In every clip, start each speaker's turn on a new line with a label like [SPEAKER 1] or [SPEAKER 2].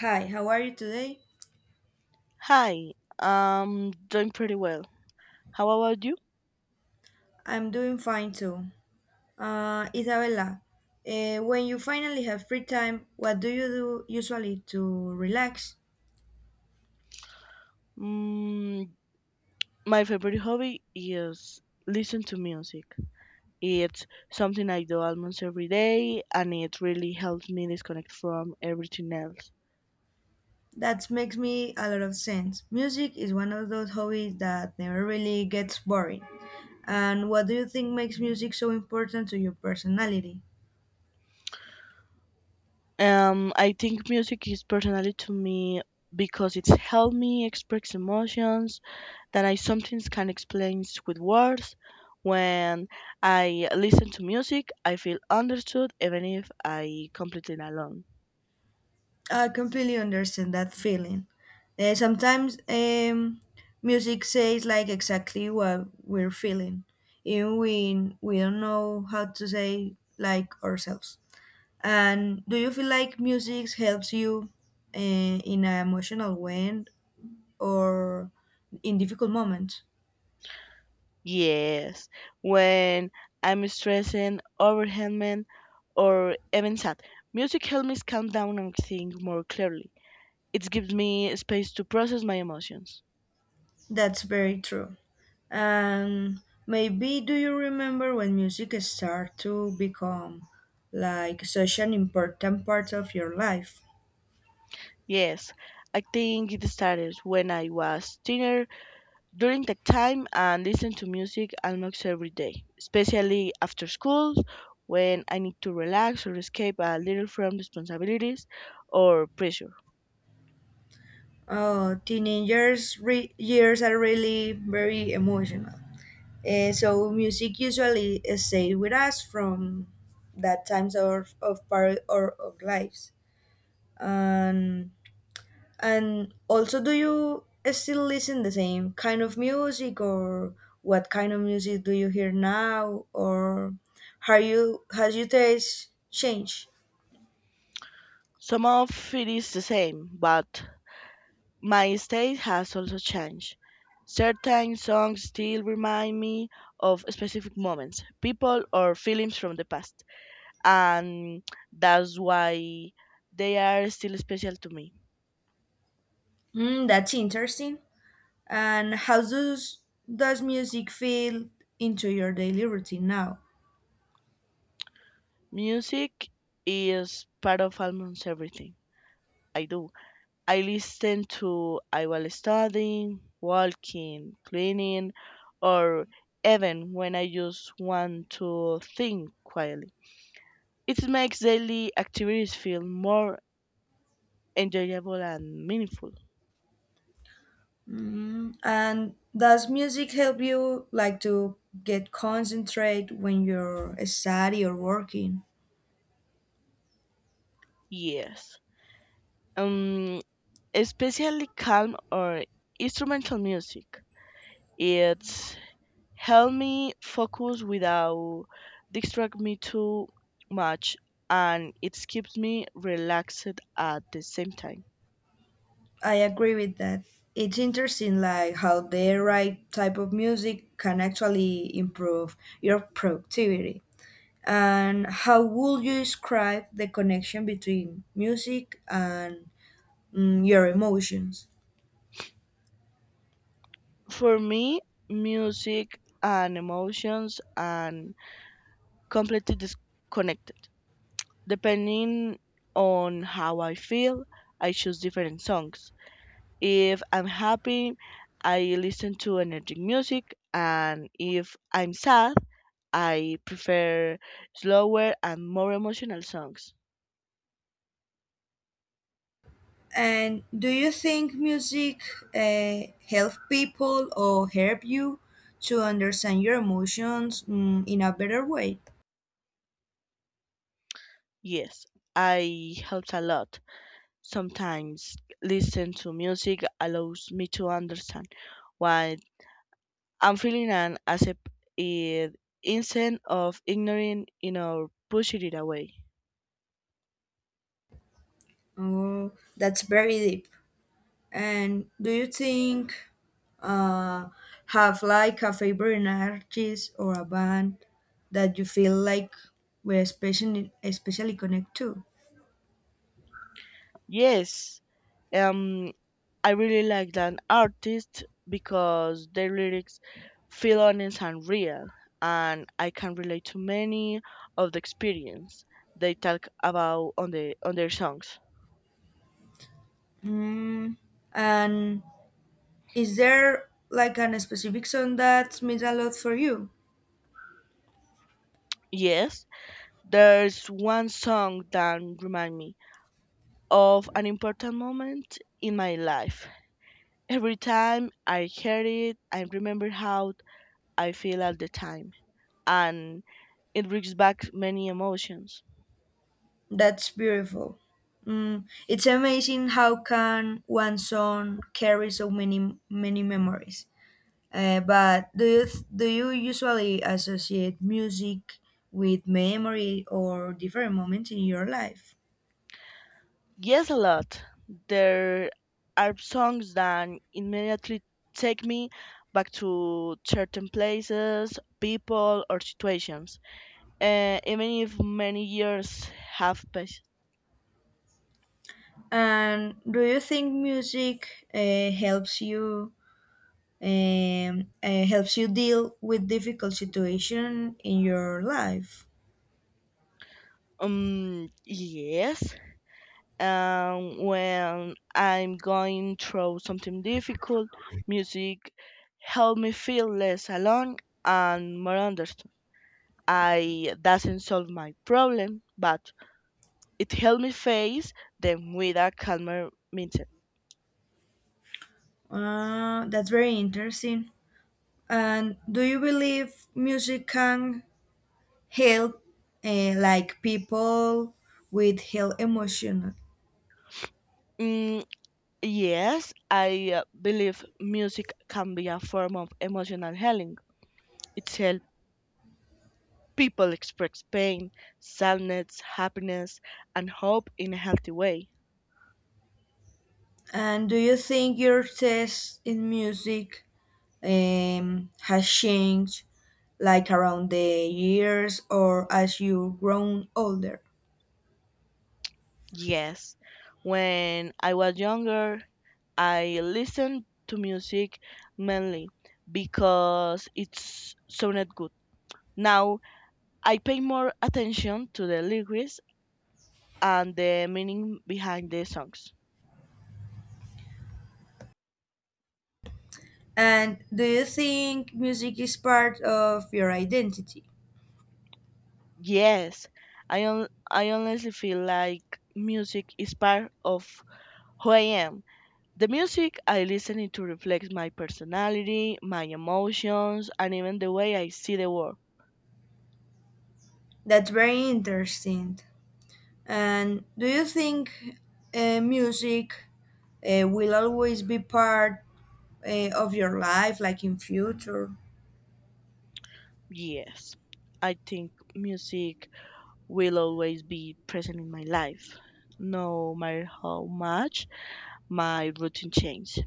[SPEAKER 1] Hi, how are you today?
[SPEAKER 2] Hi, I'm doing pretty well. How about you?
[SPEAKER 1] I'm doing fine too. Isabella, when you finally have free time, what do you do usually to relax?
[SPEAKER 2] Mm, my favorite hobby is listen to music. It's something I do almost every day, and it really helps me disconnect from everything else.
[SPEAKER 1] That makes me a lot of sense. Music is one of those hobbies that never really gets boring. And what do you think makes music so important to your personality?
[SPEAKER 2] I think music is personally to me because it's helped me express emotions that I sometimes can't explain with words. When I listen to music, I feel understood, even if I completely alone.
[SPEAKER 1] I completely understand that feeling. Sometimes music says like exactly what we're feeling, even when we don't know how to say like ourselves. And do you feel like music helps you uh, in an emotional way or in difficult moments?
[SPEAKER 2] Yes, when I'm stressing, overwhelmed, or even sad, music helps me calm down and think more clearly. It gives me space to process my emotions.
[SPEAKER 1] That's very true. And maybe do you remember when music started to become like such an important part of your life?
[SPEAKER 2] Yes, I think it started when I was teenager. During that time, I listened to music almost every day, especially after school when I need to relax or escape a little from responsibilities or pressure.
[SPEAKER 1] Oh, teenagers' years are really very emotional. So music usually stays with us from that times of part or of lives. And also, do you still listen the same kind of music, or what kind of music do you hear now, or how you has your taste changed?
[SPEAKER 2] Some of it is the same, but my taste has also changed. Certain songs still remind me of specific moments, people, or feelings from the past, and that's why they are still special to me.
[SPEAKER 1] Mm, that's interesting. And does music feel into your daily routine now?
[SPEAKER 2] Music is part of almost everything I do. I listen to I while studying, walking, cleaning, or even when I just want to think quietly. It makes daily activities feel more enjoyable and meaningful.
[SPEAKER 1] Mm, and does music help you like to get concentrate when you're study or working?
[SPEAKER 2] Yes. Um, Especially calm or instrumental music. It's help me focus without distract me too much and it keeps me relaxed at the same time.
[SPEAKER 1] I agree with that. It's interesting like how the right type of music can actually improve your productivity. And how would you describe the connection between music and your emotions?
[SPEAKER 2] For me, music and emotions and completely disconnected. Depending on how I feel, I choose different songs. If I'm happy, I listen to energetic music, and if I'm sad, I prefer slower and more emotional songs.
[SPEAKER 1] And do you think music help people or help you to understand your emotions in a better way?
[SPEAKER 2] Yes, I helps a lot. Sometimes listen to music allows me to understand why I'm feeling and accept it instead of ignoring it or pushing it away.
[SPEAKER 1] Oh, that's very deep. And do you think uh, have like a favorite artist or a band that you feel like we're especially connect to?
[SPEAKER 2] Yes, um, I really like that artist because their lyrics feel honest and real, and I can relate to many of the experience they talk about on their songs.
[SPEAKER 1] Mm, and is there like an specific song that means a lot for you?
[SPEAKER 2] Yes, there's one song that remind me of an important moment in my life. Every time I hear it, I remember how I feel at the time, and it brings back many emotions.
[SPEAKER 1] That's beautiful. Mm, it's amazing how can one song carry so many memories. But do you do you usually associate music with memory or different moments in your life?
[SPEAKER 2] Yes, a lot. There are songs that immediately take me back to certain places, people, or situations, even if many years have passed.
[SPEAKER 1] And do you think music helps you deal with difficult situation in your life?
[SPEAKER 2] Yes. When I'm going through something difficult, music help me feel less alone and more understood. I doesn't solve my problem, but it helped me face them with a calmer mindset.
[SPEAKER 1] That's very interesting. And do you believe music can help, like people with heal emotion?
[SPEAKER 2] Mm, yes, I believe music can be a form of emotional healing. It helps people express pain, sadness, happiness, and hope in a healthy way.
[SPEAKER 1] And do you think your taste in music has changed, like around the years or as you've grown older?
[SPEAKER 2] Yes, when I was younger, I listened to music mainly because it sounded good. Now I pay more attention to the lyrics and the meaning behind the songs.
[SPEAKER 1] And do you think music is part of your identity?
[SPEAKER 2] Yes, I honestly feel like music is part of who I am. The music I listen to reflects my personality, my emotions, and even the way I see the world.
[SPEAKER 1] That's very interesting. And do you think music will always be part of your life, like in future?
[SPEAKER 2] Yes, I think music will always be present in my life. No matter how much my routine changes,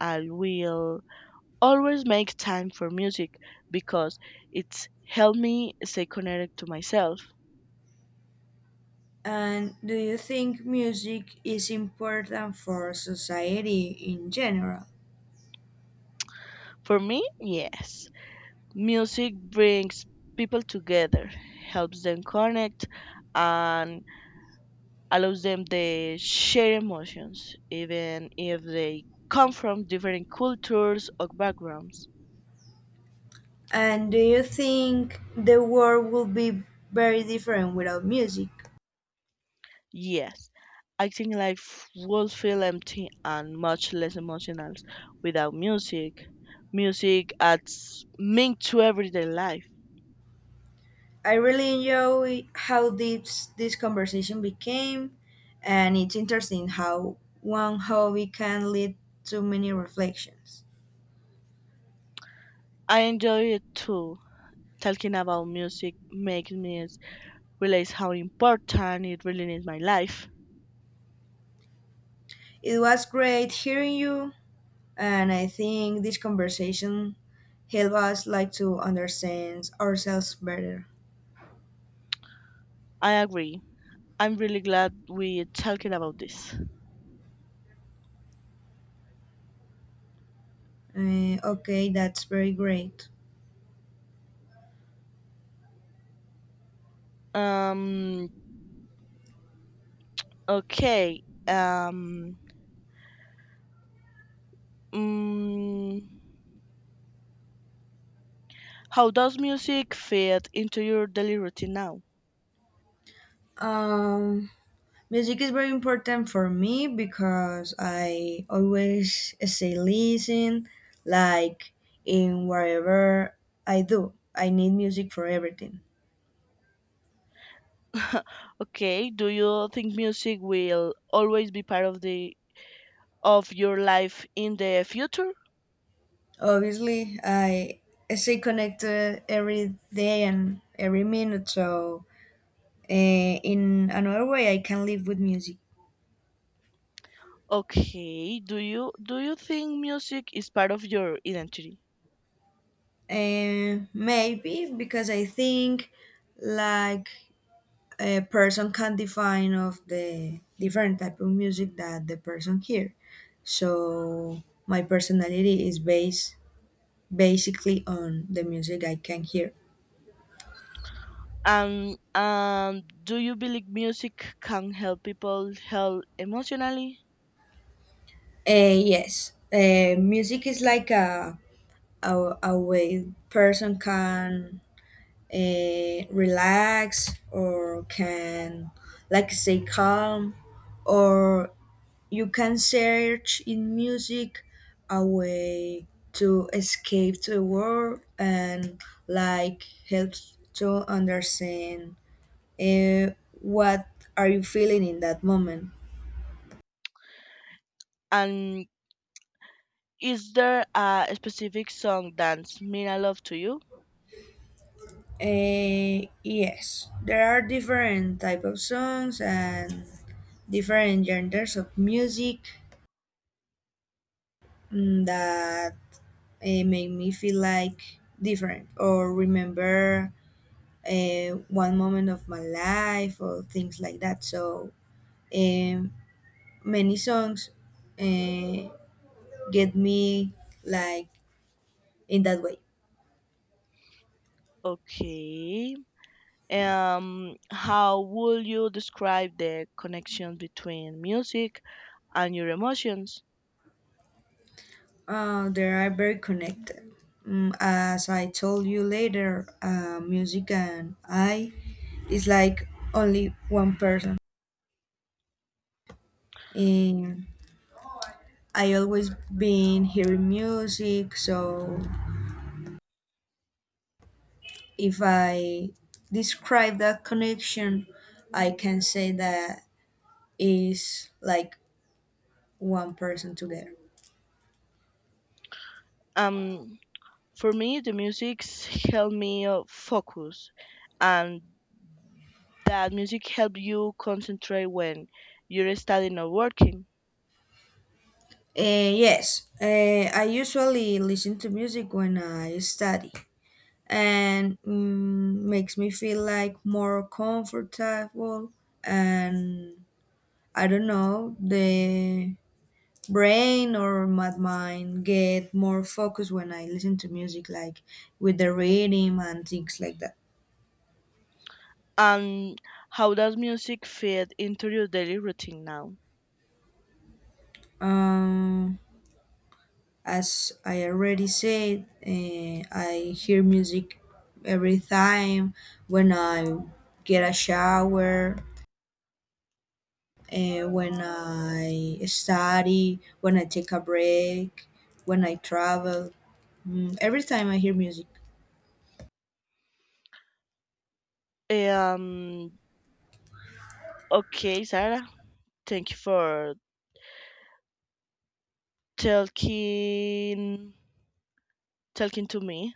[SPEAKER 2] I will always make time for music because it's helped me stay connected to myself.
[SPEAKER 1] And do you think music is important for society in general?
[SPEAKER 2] For me, yes. Music brings people together, helps them connect, and allows them to share emotions, even if they come from different cultures or backgrounds.
[SPEAKER 1] And do you think the world will be very different without music?
[SPEAKER 2] Yes, I think life would feel empty and much less emotional without music. Music adds meaning to everyday life.
[SPEAKER 1] I really enjoy how deep this conversation became, and it's interesting how one hobby can lead to many reflections.
[SPEAKER 2] I enjoy it too. Talking about music makes me realize how important it really is in my life.
[SPEAKER 1] It was great hearing you. And I think this conversation help us like to understand ourselves better.
[SPEAKER 2] I agree. I'm really glad we're talking about this.
[SPEAKER 1] Okay, that's very great.
[SPEAKER 2] Um. Okay. Mm, how does music fit into your daily routine now?
[SPEAKER 1] Um, Music is very important for me because I always say listen, like in whatever I do. I need music for everything.
[SPEAKER 2] Okay, do you think music will always be part of the of your life in the future?
[SPEAKER 1] Obviously, I stay connected every day and every minute, so in another way, I can live with music.
[SPEAKER 2] Okay, do you think music is part of your identity?
[SPEAKER 1] Maybe because I think like a person can define of the different type of music that the person hear. So my personality is based basically on the music I can hear.
[SPEAKER 2] Do you believe music can help people heal emotionally?
[SPEAKER 1] Yes, music is like a way person can relax or can like stay calm or you can search in music a way to escape to the world and like helps to understand eh, what are you feeling in that moment.
[SPEAKER 2] And is there a specific song that's mean a lot to you?
[SPEAKER 1] Yes, there are different type of songs and different genders of music that make me feel like different or remember one moment of my life or things like that. So um, many songs uh, get me like in that way.
[SPEAKER 2] Okay. How would you describe the connection between music and your emotions?
[SPEAKER 1] They are very connected. Mm, as I told you later, music and I is like only one person. And I always been hearing music, so if I describe that connection, I can say that is like one person together.
[SPEAKER 2] um for me the music's helped me focus, and that music help you concentrate when you're studying or working.
[SPEAKER 1] Yes, I usually listen to music when I study, and makes me feel like more comfortable. And I don't know, the brain or my mind get more focused when I listen to music, like with the rhythm and things like that.
[SPEAKER 2] And how does music fit into your daily routine now?
[SPEAKER 1] Um, as I already said, I hear music every time when I get a shower, when I study, when I take a break, when I travel. Mm, every time I hear music.
[SPEAKER 2] um okay, Sarah, thank you for talking talking to me.